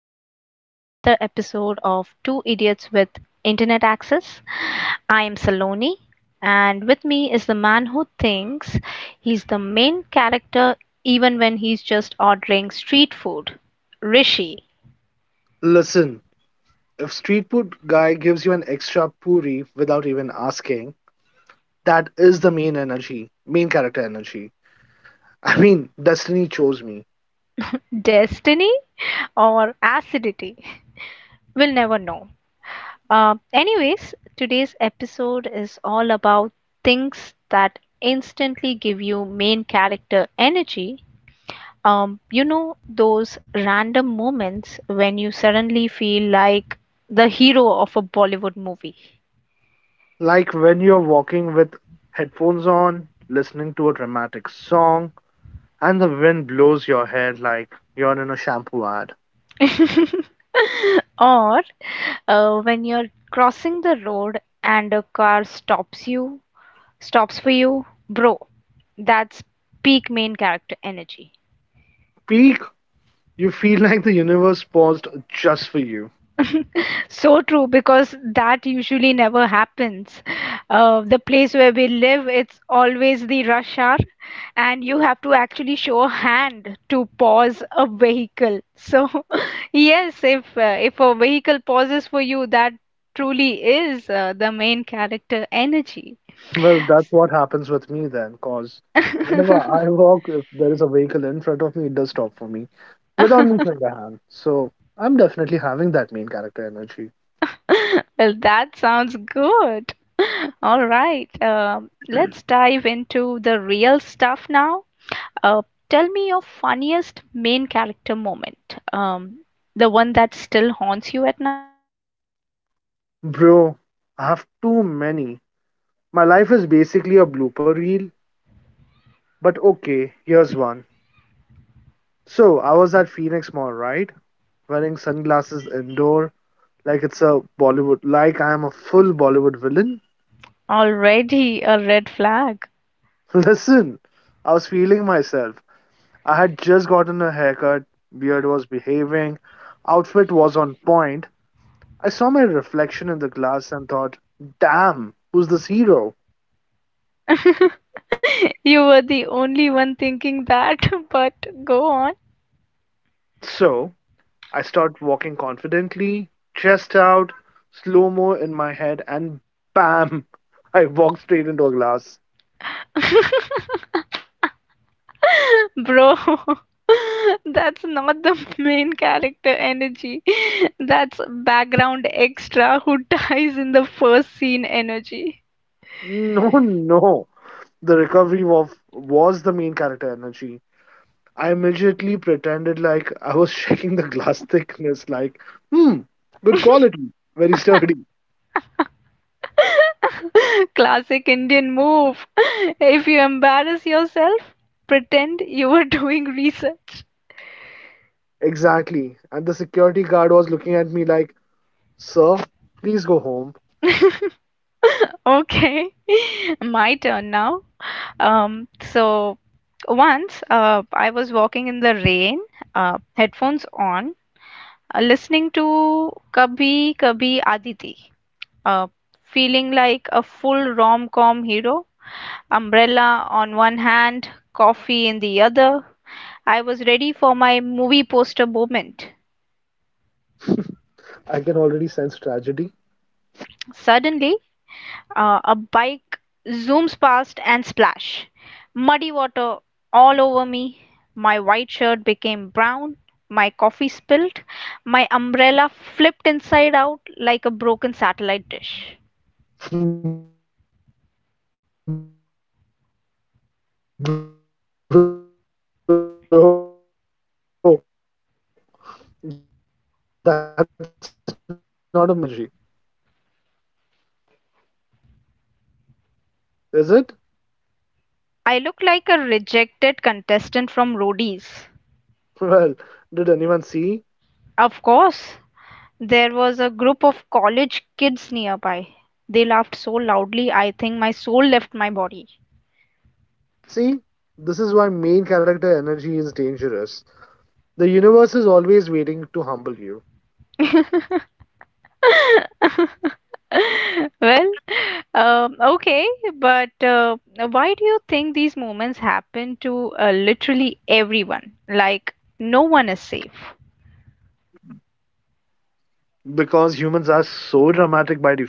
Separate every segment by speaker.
Speaker 1: everyone, to another episode of Two Idiots with Internet Access. I am Saloni, and with me is the man who thinks he's the main character even when he's just ordering street food. Rishi.
Speaker 2: Listen, if street food guy gives you an extra puri without even asking, that is the main energy, main character energy. I mean, destiny chose me.
Speaker 1: Destiny, or Acidity? We'll never know. Anyways, today's episode is all about things that instantly give you main character energy. Those random moments when you suddenly feel like the hero of a Bollywood movie.
Speaker 2: Like when you're walking with headphones on, listening to a dramatic song, and the wind blows your hair like you're in a shampoo ad.
Speaker 1: Or when you're crossing the road and a car stops for you, bro, that's peak main character energy.
Speaker 2: Peak, you feel like the universe paused just for you.
Speaker 1: So true, because that usually never happens. The place where we live, it's always the rush hour, and you have to actually show a hand to pause a vehicle. So, yes, if a vehicle pauses for you, that truly is the main character energy.
Speaker 2: Well, that's what happens with me then, because whenever I walk, if there is a vehicle in front of me, it does stop for me without me putting a hand. So I'm definitely having that main character energy.
Speaker 1: Well, that sounds good. All right, let's dive into the real stuff now. Uh, Tell me your funniest main character moment. The one that still haunts you at night.
Speaker 2: Bro, I have too many. My life is basically a blooper reel, but okay, here's one. So I was at Phoenix Mall, right? Wearing sunglasses indoor, like it's a Bollywood, like I am a full Bollywood villain.
Speaker 1: Already a red flag.
Speaker 2: Listen, I was feeling myself. I had just gotten a haircut, beard was behaving, outfit was on point. I saw my reflection in the glass and thought, damn, who's this hero?
Speaker 1: You were the only one thinking that, but go on.
Speaker 2: So I start walking confidently, chest out, slow mo in my head, and bam, I walk straight into a glass.
Speaker 1: Bro, that's not the main character energy. That's background extra who dies in the first scene energy.
Speaker 2: No, no. The recovery was the main character energy. I immediately pretended like I was checking the glass thickness, like, hmm, good quality, very sturdy.
Speaker 1: Classic Indian move. If you embarrass yourself, pretend you were doing research.
Speaker 2: Exactly. And the security guard was looking at me like, sir, please go home.
Speaker 1: Okay, my turn now. So once I was walking in the rain, headphones on, listening to Kabhi Kabhi Aditi, uh, feeling like a full rom-com hero, umbrella on one hand, coffee in the other, I was ready for my movie poster moment.
Speaker 2: I can already sense tragedy.
Speaker 1: Suddenly, a bike zooms past and splash. Muddy water all over me. My white shirt became brown. My coffee spilled. My umbrella flipped inside out like a broken satellite dish.
Speaker 2: Bro, that's not a main character energy. That's comic relief sidekick energy. Oh no. Is it?
Speaker 1: I looked like a rejected contestant from Roadies.
Speaker 2: Well, did anyone see?
Speaker 1: Of course, there was a group of college kids nearby. They laughed so loudly, I think my soul left my body.
Speaker 2: See, this is why main character energy is dangerous. The universe is always waiting to humble you.
Speaker 1: Well, okay, but why do you think these moments happen to literally everyone? Like, no one is safe.
Speaker 2: Because humans are so dramatic by default,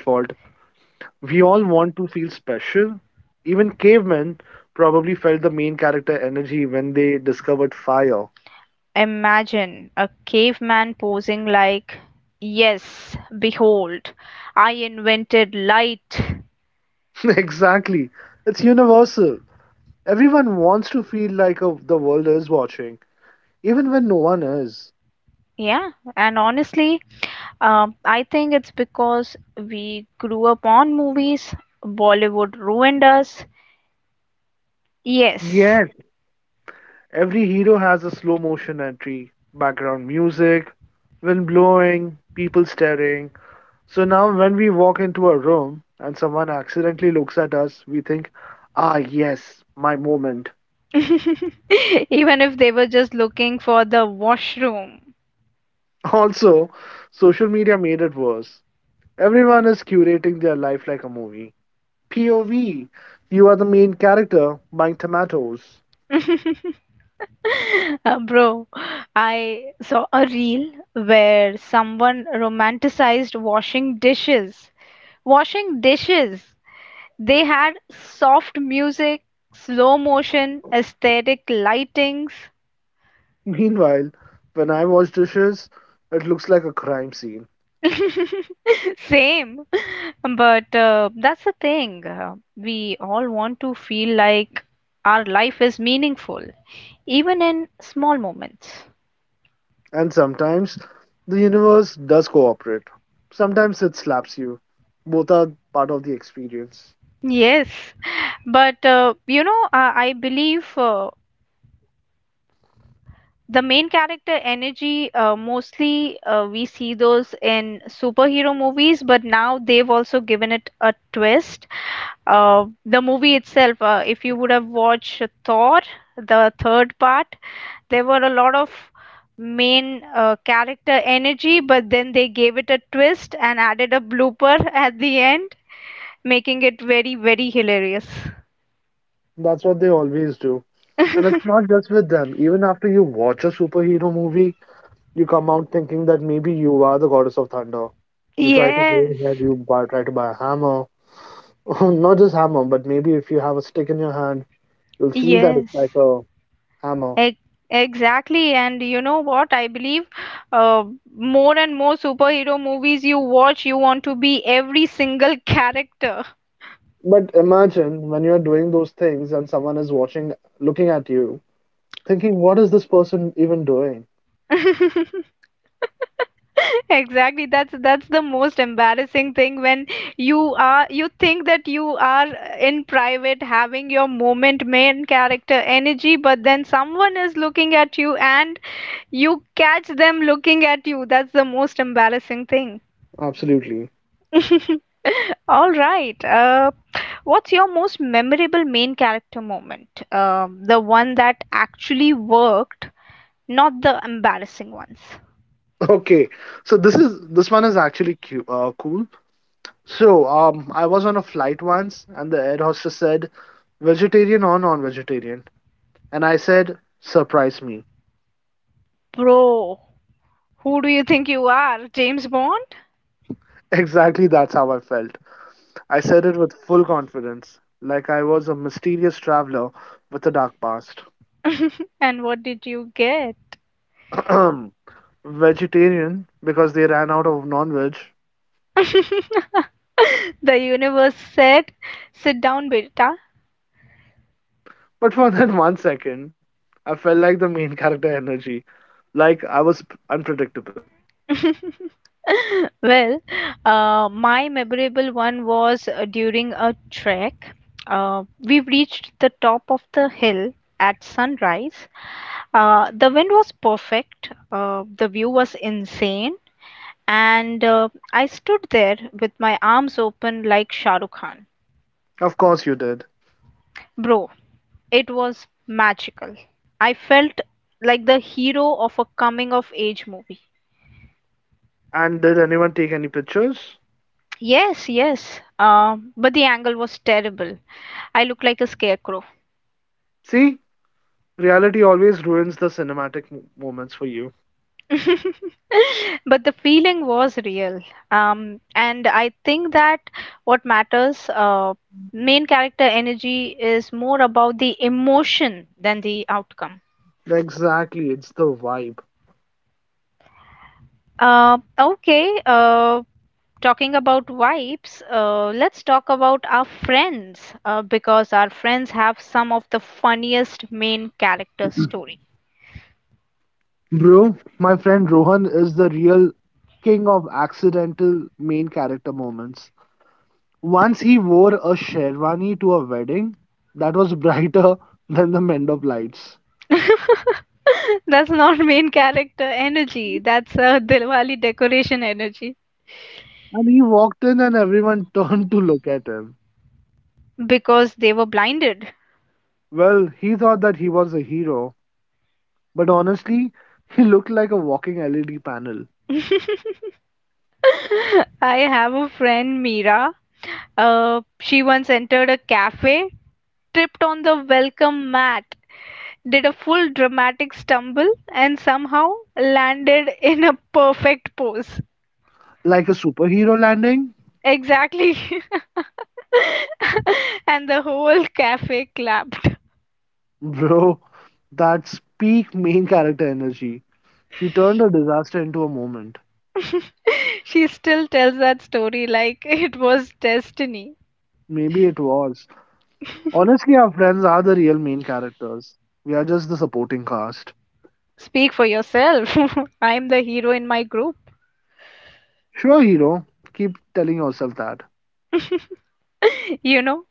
Speaker 2: we all want to feel special. Even cavemen probably felt the main character energy when they discovered fire.
Speaker 1: Imagine a caveman posing like, yes, behold, I invented light.
Speaker 2: Exactly. It's universal. Everyone wants to feel like a, the world is watching, even when no one is.
Speaker 1: Yeah, and honestly, I think it's because we grew up on movies, Bollywood ruined us. Yes.
Speaker 2: Yes, every hero has a slow motion entry, background music, wind blowing, people staring. So now, when we walk into a room and someone accidentally looks at us, we think, ah, yes, my moment.
Speaker 1: Even if they were just looking for the washroom.
Speaker 2: Also, social media made it worse. Everyone is curating their life like a movie. POV, you are the main character buying tomatoes.
Speaker 1: Bro, I saw a reel where someone romanticized washing dishes. Washing dishes! They had soft music, slow motion, aesthetic lightings.
Speaker 2: Meanwhile, when I wash dishes, it looks like a crime scene.
Speaker 1: Same. But that's the thing. We all want to feel like our life is meaningful, even in small moments.
Speaker 2: And sometimes the universe does cooperate. Sometimes it slaps you. Both are part of the experience.
Speaker 1: Yes, but you know, I believe the main character energy mostly we see those in superhero movies, but now they've also given it a twist. The movie itself, if you would have watched Thor, the third part, there were a lot of main character energy, but then they gave it a twist and added a blooper at the end, making it very, very hilarious.
Speaker 2: That's what they always do. And it's not just with them. Even after you watch a superhero movie, you come out thinking that maybe you are the goddess of thunder. You try to go
Speaker 1: Yes,
Speaker 2: ahead, you buy, try to buy a hammer. Not just hammer, but maybe if you have a stick in your hand, you'll feel that
Speaker 1: yes,
Speaker 2: it's like a hammer.
Speaker 1: Ex exactly. And you know what? I believe uh, more and more superhero movies you watch, you want to be every single character.
Speaker 2: But imagine when you're doing those things and someone is watching, looking at you, thinking, what is this person even doing?
Speaker 1: Exactly. That's the most embarrassing thing when you think that you are in private having your moment main character energy, but then someone is looking at you and you catch them looking at you. That's the most embarrassing thing.
Speaker 2: Absolutely.
Speaker 1: All right. What's your most memorable main character moment? The one that actually worked, not the embarrassing ones.
Speaker 2: Okay, so this one is actually cool. So, I was on a flight once, and the air hostess said, "Vegetarian or non-vegetarian?" And I said, surprise me.
Speaker 1: Bro, who do you think you are? James Bond?
Speaker 2: Exactly, that's how I felt. I said it with full confidence, like I was a mysterious traveler with a dark past.
Speaker 1: And what did you get?
Speaker 2: Vegetarian, because they ran out of non veg.
Speaker 1: The universe said, sit down, beta.
Speaker 2: But for that 1 second, I felt like the main character energy, like I was unpredictable.
Speaker 1: Well, my memorable one was during a trek. We reached the top of the hill at sunrise. The wind was perfect, the view was insane, and I stood there with my arms open like Shah Rukh Khan.
Speaker 2: Of course, you did.
Speaker 1: Bro, it was magical. I felt like the hero of a coming of age movie.
Speaker 2: And did anyone take any pictures?
Speaker 1: Yes, yes, but the angle was terrible. I look like a scarecrow.
Speaker 2: See, reality always ruins the cinematic moments for you.
Speaker 1: But the feeling was real. And I think that what matters, main character energy is more about the emotion than the outcome.
Speaker 2: Exactly, it's the vibe.
Speaker 1: Okay, talking about vibes, let's talk about our friends because our friends have some of the funniest main character stories.
Speaker 2: Bro, my friend Rohan is the real king of accidental main character moments. Once he wore a sherwani to a wedding that was brighter than the Mendop lights.
Speaker 1: That's not main character energy. That's a Dilwali decoration energy
Speaker 2: And he walked in and everyone turned to look at him.
Speaker 1: because they were blinded.
Speaker 2: Well, he thought that he was a hero, but honestly, he looked like a walking LED panel.
Speaker 1: I have a friend, Mira. She once entered a cafe, tripped on the welcome mat, did a full dramatic stumble, and somehow landed in a perfect pose.
Speaker 2: Like a superhero landing?
Speaker 1: Exactly. And the whole cafe clapped.
Speaker 2: Bro, that's peak main character energy. She turned a disaster into a moment.
Speaker 1: She still tells that story like it was destiny.
Speaker 2: Maybe it was. Honestly, our friends are the real main characters. We are just the supporting cast.
Speaker 1: Speak for yourself. I'm the hero in my group.
Speaker 2: Sure, hero. Keep telling yourself that.
Speaker 1: you know,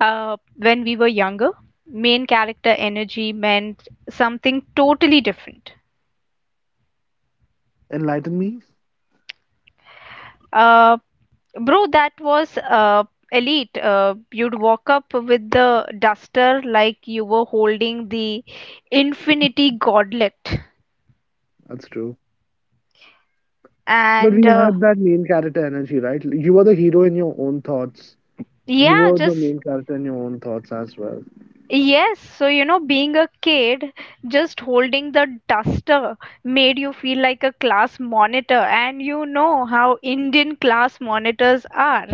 Speaker 1: when we were younger, main character energy meant something totally different.
Speaker 2: Enlighten me?
Speaker 1: Uh, Bro, that was elite. You'd walk up with the duster like you were holding the infinity gauntlet.
Speaker 2: That's true. But
Speaker 1: And
Speaker 2: we had that main character energy, right? You were the hero in your own thoughts. You
Speaker 1: yeah,
Speaker 2: were the
Speaker 1: just
Speaker 2: main character in your own thoughts as well.
Speaker 1: yes, so you know, being a kid, just holding the duster made you feel like a class monitor, and you know how Indian class monitors are.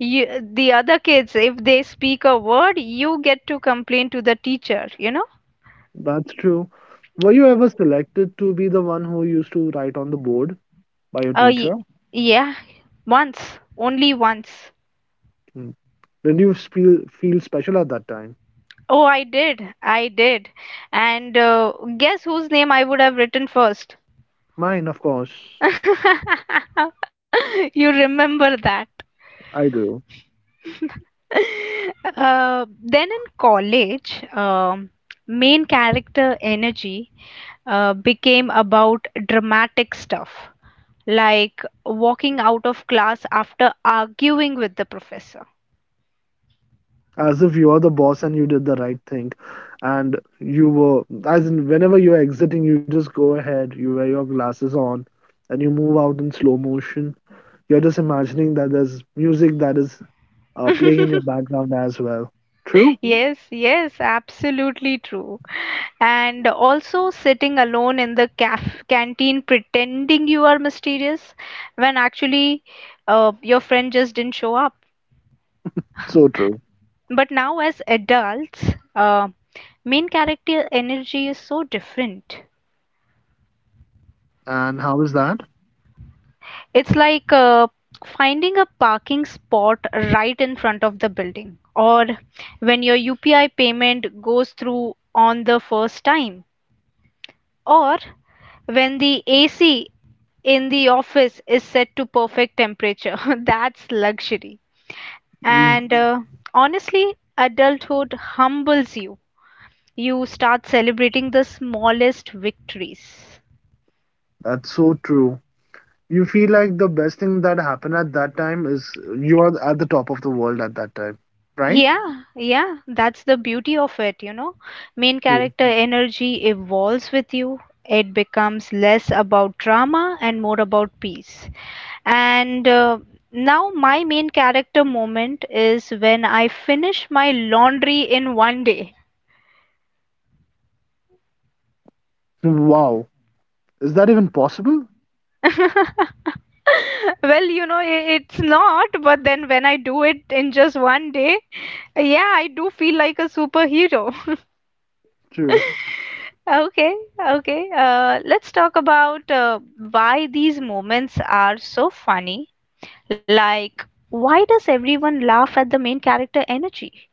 Speaker 1: You, the other kids, if they speak a word, you get to complain to the teacher, you know?
Speaker 2: That's true. Were you ever selected to be the one who used to write on the board by your
Speaker 1: Uh, y-
Speaker 2: teacher?
Speaker 1: yeah, once, only once.
Speaker 2: Hmm. Did you feel feel special at that time?
Speaker 1: Oh, I did, I did. And guess whose name I would have written first?
Speaker 2: Mine, of course.
Speaker 1: You remember that.
Speaker 2: I do.
Speaker 1: Then in college, main character energy became about dramatic stuff, like walking out of class after arguing with the professor.
Speaker 2: As if you are the boss and you did the right thing, and you were, as in whenever you're exiting, you just go ahead, you wear your glasses on and you move out in slow motion. You're just imagining that there's music that is playing in your background as well. True.
Speaker 1: Yes, yes, absolutely true. And also sitting alone in the caf canteen pretending you are mysterious when actually your friend just didn't show up.
Speaker 2: So true.
Speaker 1: But now, as adults, uh, main character energy is so different.
Speaker 2: And how is that?
Speaker 1: It's like finding a parking spot right in front of the building, or when your UPI payment goes through on the first time, or when the AC in the office is set to perfect temperature. That's luxury.
Speaker 2: Mm,
Speaker 1: And honestly, adulthood humbles you. You start celebrating the smallest victories.
Speaker 2: that's so true. You feel like the best thing that happened at that time is you are at the top of the world at that time, right?
Speaker 1: Yeah, yeah, that's the beauty of it. Main
Speaker 2: Mm.
Speaker 1: character energy evolves with you. It becomes less about drama and more about peace. And now, my main character moment is when I finish my laundry in one day.
Speaker 2: Wow, is that even possible?
Speaker 1: Well, it's not, but then when I do it in just one day, yeah, I do feel like a superhero.
Speaker 2: True.
Speaker 1: Okay, okay. Let's talk about why these moments are so funny. Like, why does everyone laugh at the main character energy?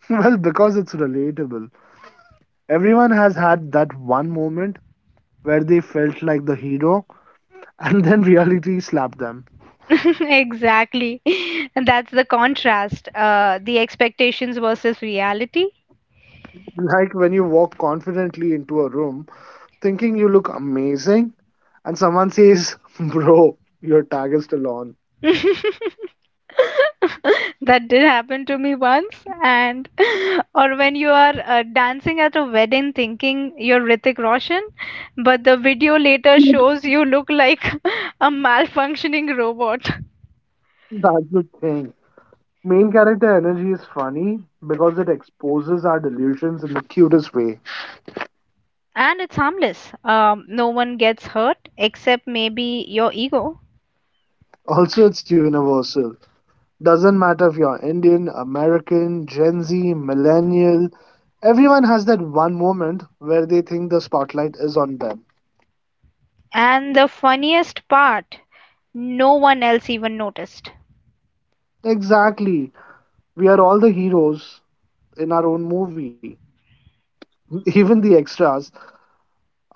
Speaker 2: Well, because it's relatable. Everyone has had that one moment where they felt like the hero and then reality slapped them.
Speaker 1: Exactly. That's the contrast. The expectations versus reality.
Speaker 2: Like when you walk confidently into a room thinking you look amazing and someone says, bro, your tag is still on.
Speaker 1: That did happen to me once, and or when you are dancing at a wedding thinking you're Hrithik Roshan, but the video later shows you look like a malfunctioning robot.
Speaker 2: That's the thing. Main character energy is funny because it exposes our delusions in the cutest way.
Speaker 1: And it's harmless, no one gets hurt except maybe your ego.
Speaker 2: Also, it's universal. Doesn't matter if you're Indian, American, Gen Z, millennial, everyone has that one moment where they think the spotlight is on them.
Speaker 1: And the funniest part, no one else even noticed.
Speaker 2: Exactly. We are all the heroes in our own movie. Even the extras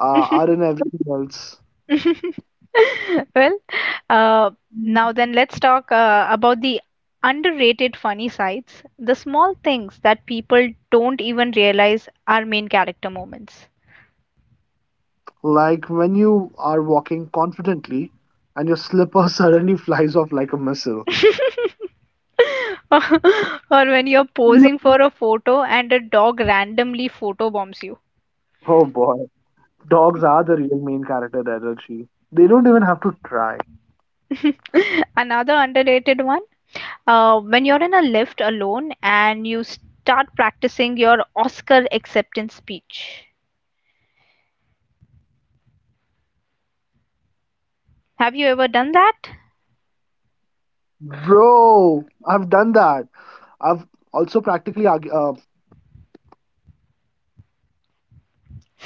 Speaker 2: are in everything else.
Speaker 1: Well, uh, now then let's talk about the underrated funny sides, the small things that people don't even realize are main character moments.
Speaker 2: Like when you are walking confidently and your slipper suddenly flies off like a missile.
Speaker 1: Or when you're posing for a photo and a dog randomly photo bombs you.
Speaker 2: Oh boy. Dogs are the real main character energy. They don't even have to try.
Speaker 1: Another underrated one, when you're in a lift alone and you start practicing your Oscar acceptance speech.
Speaker 2: Bro, I've done that. I've also practically
Speaker 1: Have you ever
Speaker 2: practice.
Speaker 1: done that?
Speaker 2: I have. I've also practiced arguments I'll never have.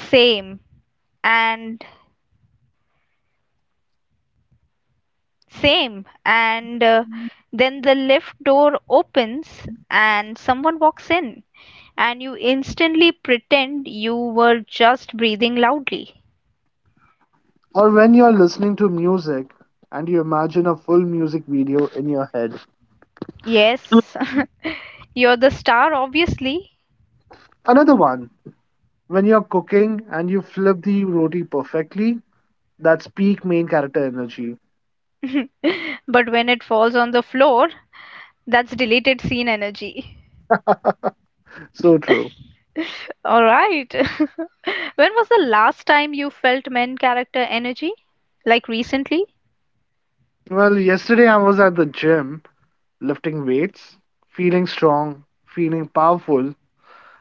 Speaker 1: Same. and and then the lift door opens and someone walks in and you instantly pretend you were just breathing loudly.
Speaker 2: Or when you're listening to music and you imagine a full music video in your head.
Speaker 1: Yes, you're the star, obviously.
Speaker 2: Another one, when you're cooking and you flip the roti perfectly, that's peak main character energy.
Speaker 1: But when it falls on the floor, that's deleted scene energy.
Speaker 2: So true.
Speaker 1: All right. When was the last time you felt main character energy, like recently?
Speaker 2: Well, yesterday I was at the gym lifting weights, feeling strong, feeling powerful,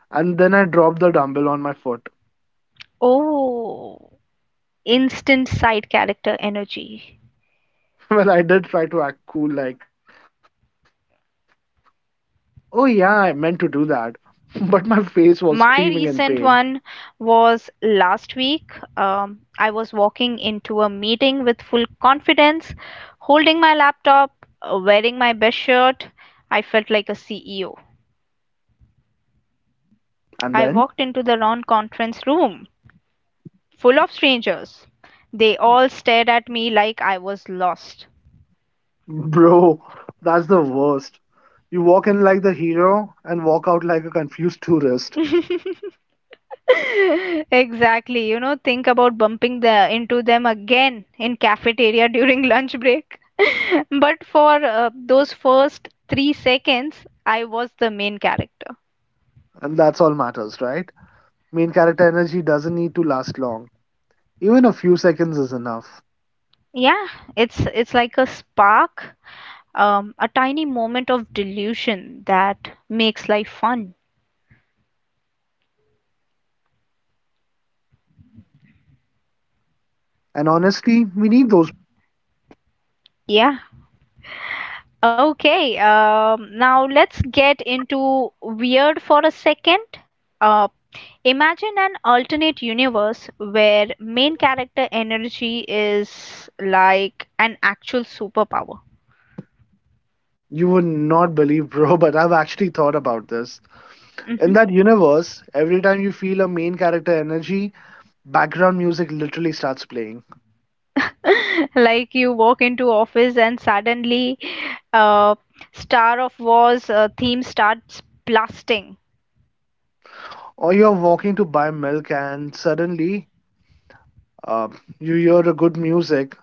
Speaker 2: and then I dropped the dumbbell on my foot.
Speaker 1: Oh, instant side character energy.
Speaker 2: Well, I did try to act cool, like, oh yeah, I meant to do that. But my face was screaming in pain.
Speaker 1: My recent one was last week. I was walking into a meeting with full confidence, holding my laptop, wearing my best shirt. I felt like a CEO.
Speaker 2: And then,
Speaker 1: I walked into the round conference room full of strangers. They all stared at me like I was lost.
Speaker 2: bro, that's the worst. You walk in like the hero and walk out like a confused tourist.
Speaker 1: Exactly. You know, think about bumping the into them again in cafeteria during lunch break. But for those first 3 seconds, I was the main character.
Speaker 2: And that's all matters, right? Main character energy doesn't need to last long. Even a few seconds is enough.
Speaker 1: Yeah, it's like a spark, a tiny moment of delusion that makes life fun.
Speaker 2: And honestly, we need those moments. They keep life interesting.
Speaker 1: Yeah. Okay. Now let's get into weird for a second. Uh, Imagine an alternate universe where main character energy is like an actual superpower.
Speaker 2: You would not believe, bro, but I've actually thought about this.
Speaker 1: Mhm.
Speaker 2: In that universe, every time you feel a main character energy, background music literally starts playing.
Speaker 1: Like you walk into office and suddenly uh, Star of Wars theme starts blasting.
Speaker 2: Or you're walking to buy milk and suddenly uh, you hear a good music.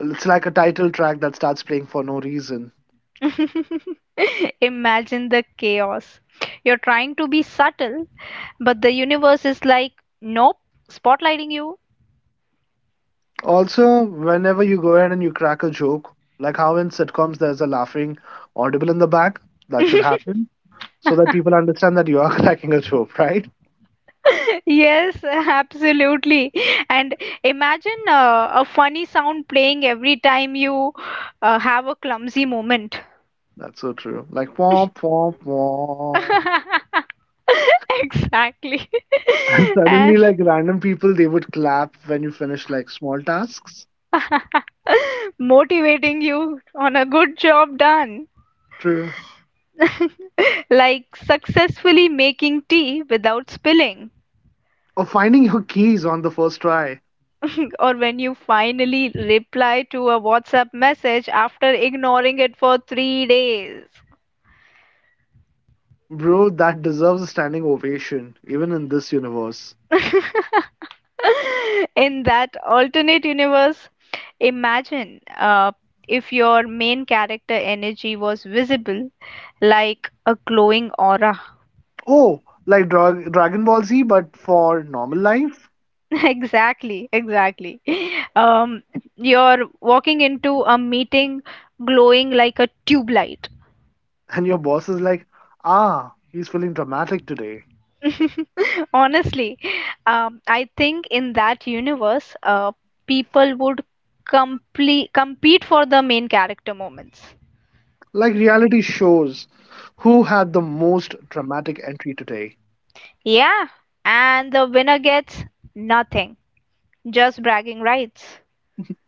Speaker 2: It's like a title track that starts playing for no reason.
Speaker 1: Imagine the chaos. You're trying to be subtle, but the universe is like, nope, spotlighting you.
Speaker 2: Also, whenever you go ahead and you crack a joke, like how in sitcoms there's a laughing audible in the back, that should happen so that people understand that you are cracking a joke, right?
Speaker 1: Yes, absolutely. And imagine a funny sound playing every time you have a clumsy moment.
Speaker 2: That's so true. Like, womp, womp, womp.
Speaker 1: Exactly.
Speaker 2: And
Speaker 1: And
Speaker 2: suddenly, like random people, they would clap when you finish like small tasks.
Speaker 1: motivating you on a good job done.
Speaker 2: True.
Speaker 1: Like successfully making tea without spilling.
Speaker 2: Or finding your keys on the first try.
Speaker 1: Or when you finally reply to a WhatsApp message after ignoring it for three days.
Speaker 2: Bro, that deserves a standing ovation, even in this universe.
Speaker 1: In that alternate universe, imagine if your main character energy was visible, like a glowing aura.
Speaker 2: Oh, like Dragon Ball Z, but for normal life?
Speaker 1: Exactly, exactly. Um, you're walking into a meeting glowing like a tube light.
Speaker 2: And your boss is like, ah, he's feeling dramatic today.
Speaker 1: Honestly, I think in that universe, people would complete compete for the main character moments.
Speaker 2: Like reality shows, who had the most dramatic entry today?
Speaker 1: Yeah, and the winner gets nothing, just bragging rights.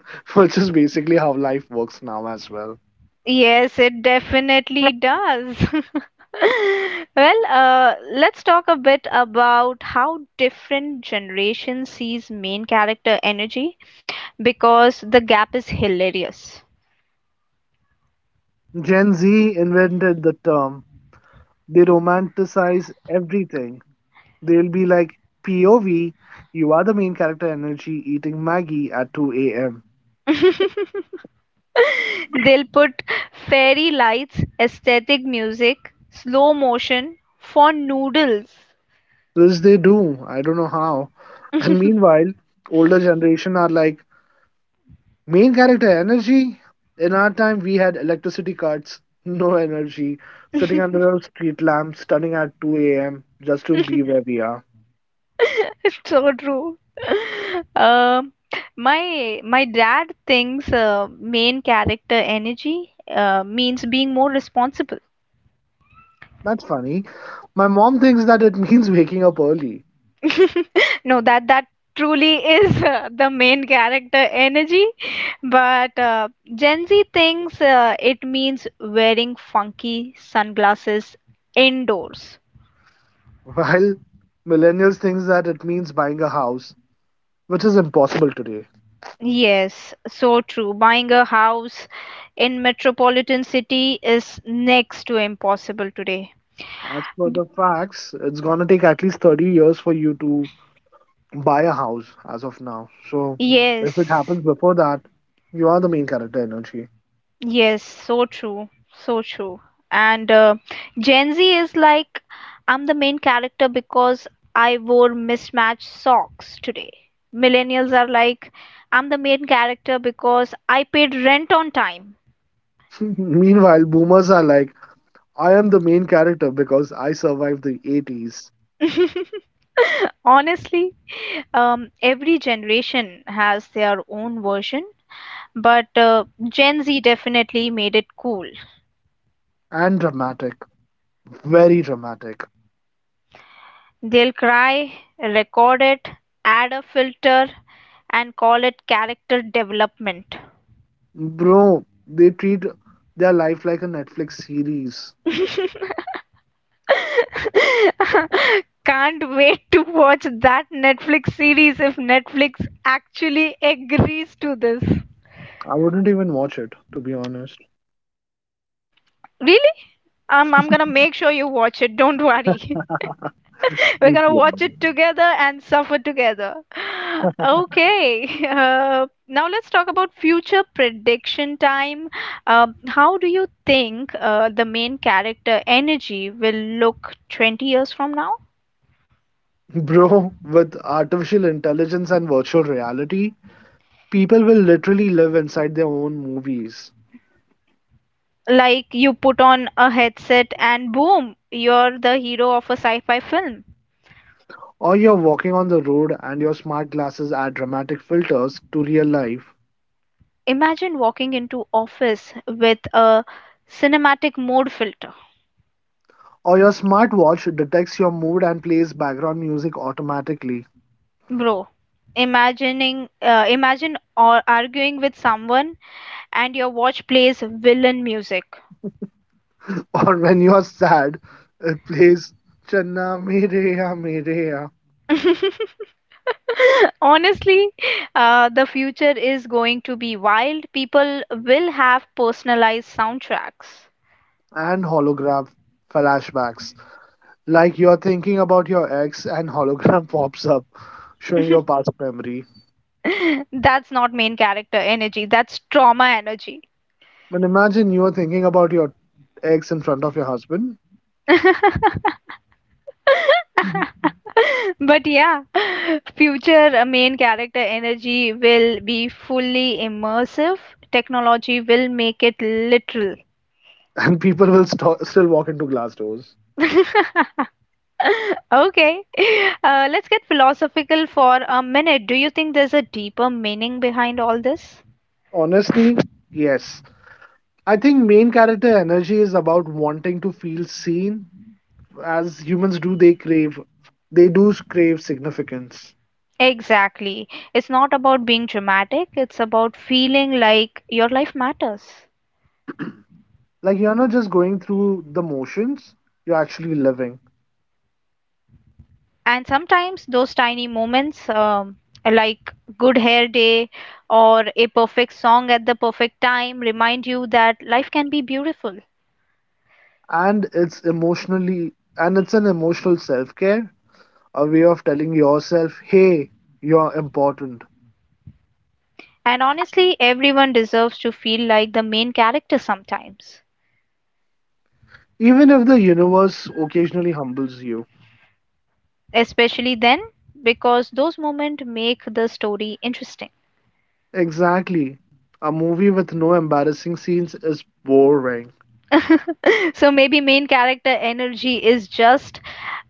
Speaker 2: Which is basically how life works now as well.
Speaker 1: Yes, it definitely does. Well, let's talk a bit about how different generation sees main character energy because the gap is hilarious.
Speaker 2: Gen Z invented the term. They romanticize everything. They'll be like, POV, you are the main character energy eating Maggie at 2 a.m.
Speaker 1: They'll put fairy lights, aesthetic music, slow motion for noodles.
Speaker 2: This they do. I don't know how. And meanwhile, older generation are like, main character energy? In our time, we had electricity cuts, no energy, sitting under a street lamp, stunning at 2 a.m. just to be where we are.
Speaker 1: So true. Um, my dad thinks main character energy means being more responsible.
Speaker 2: That's funny. My mom thinks that it means waking up early,
Speaker 1: No, that truly is the main character energy. But Gen Z thinks it means wearing funky sunglasses indoors.
Speaker 2: while millennials thinks that it means buying a house, which is impossible today.
Speaker 1: Yes, so true. Buying a house in metropolitan city is next to impossible today.
Speaker 2: As for the facts, it's gonna take at least 30 years for you to buy a house as of now. So
Speaker 1: Yes,
Speaker 2: if it happens before that, you are the main character energy.
Speaker 1: yes, so true, so true. And Gen Z is like, I'm the main character because I wore mismatched socks today. Millennials are like, I'm the main character because I paid rent on time.
Speaker 2: Meanwhile, boomers are like, I am the main character because I survived the 80s.
Speaker 1: Honestly, every generation has their own version, but Gen Z definitely made it cool.
Speaker 2: And dramatic, very dramatic.
Speaker 1: They'll cry, record it, add a filter, and call it character development.
Speaker 2: Bro, they treat their life like a Netflix series.
Speaker 1: Can't wait to watch that Netflix series if Netflix actually agrees to this.
Speaker 2: I wouldn't even watch it, to be honest.
Speaker 1: Really? I'm gonna make sure you watch it, don't worry. We're gonna watch it together and suffer together. Okay, now let's talk about future prediction time. How do you think the main character energy will look 20 years from now?
Speaker 2: Bro, with artificial intelligence and virtual reality, people will literally live inside their own movies.
Speaker 1: Like you put on a headset and boom, you're the hero of a sci-fi film.
Speaker 2: Or you're walking on the road and your smart glasses add dramatic filters to real life.
Speaker 1: Imagine walking into office with a cinematic mode filter,
Speaker 2: Or your smartwatch detects your mood and plays background music automatically.
Speaker 1: bro imagining imagine or arguing with someone and your watch plays villain music.
Speaker 2: Or when you are sad, it plays Channa Mereya Mereya
Speaker 1: Honestly, the future is going to be wild. People will have personalized soundtracks.
Speaker 2: and hologram flashbacks. Like you're thinking about your ex and hologram pops up, showing your past memory.
Speaker 1: That's not main character energy, that's trauma energy.
Speaker 2: But imagine you are thinking about your ex in front of your husband. Mhm.
Speaker 1: But yeah, future main character energy will be fully immersive. Technology will make it literal.
Speaker 2: And people will still walk into glass doors.
Speaker 1: Okay, let's get philosophical for a minute. Do you think there's a deeper meaning behind all this?
Speaker 2: Honestly, yes. I think main character energy is about wanting to feel seen. As humans do, they crave, they do crave significance.
Speaker 1: Exactly. It's not about being dramatic, it's about feeling like your life matters.
Speaker 2: Like you're not just going through the motions, you're actually living.
Speaker 1: And sometimes those tiny moments, like good hair day or a perfect song at the perfect time, remind you that life can be beautiful.
Speaker 2: And it's an emotional self care, a way of telling yourself, hey, you're important.
Speaker 1: And honestly, everyone deserves to feel like the main character sometimes.
Speaker 2: Even if the universe occasionally humbles you.
Speaker 1: Especially then, because those moments make the story interesting.
Speaker 2: Exactly. A movie with no embarrassing scenes is boring
Speaker 1: so maybe main character energy is just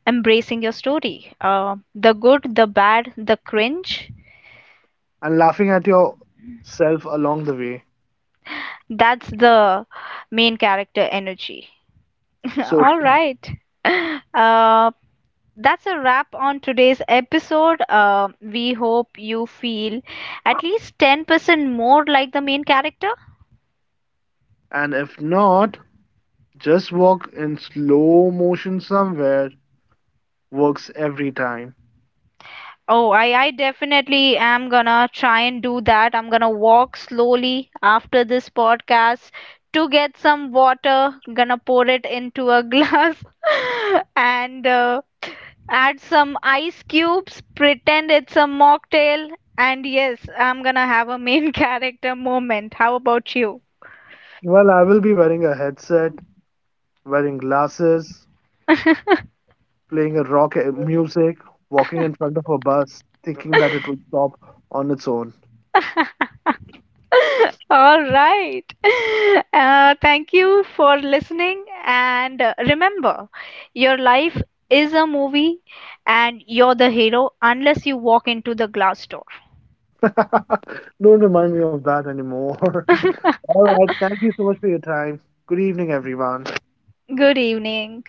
Speaker 1: embracing your story, the good, the bad, the cringe.
Speaker 2: and laughing at yourself along the way.
Speaker 1: That's the main character energy.
Speaker 2: So,
Speaker 1: all right, uh, that's a wrap on today's episode. We hope you feel at least 10% more like the main character.
Speaker 2: and if not, just walk in slow motion somewhere works every time.
Speaker 1: Oh, I definitely am gonna try and do that. I'm gonna walk slowly after this podcast to get some water, gonna pour it into a glass and add some ice cubes, pretend it's a mocktail, and yes, I'm gonna have a main character moment. How about you?
Speaker 2: Well, I will be wearing a headset, wearing glasses, playing a rock music, walking in front of a bus, thinking that it will stop on its own.
Speaker 1: All right. Thank you for listening. And remember, your life is a movie and you're the hero unless you walk into the glass door.
Speaker 2: Don't remind me of that anymore. All right. Thank you so much for your time. Good evening, everyone.
Speaker 1: Good evening.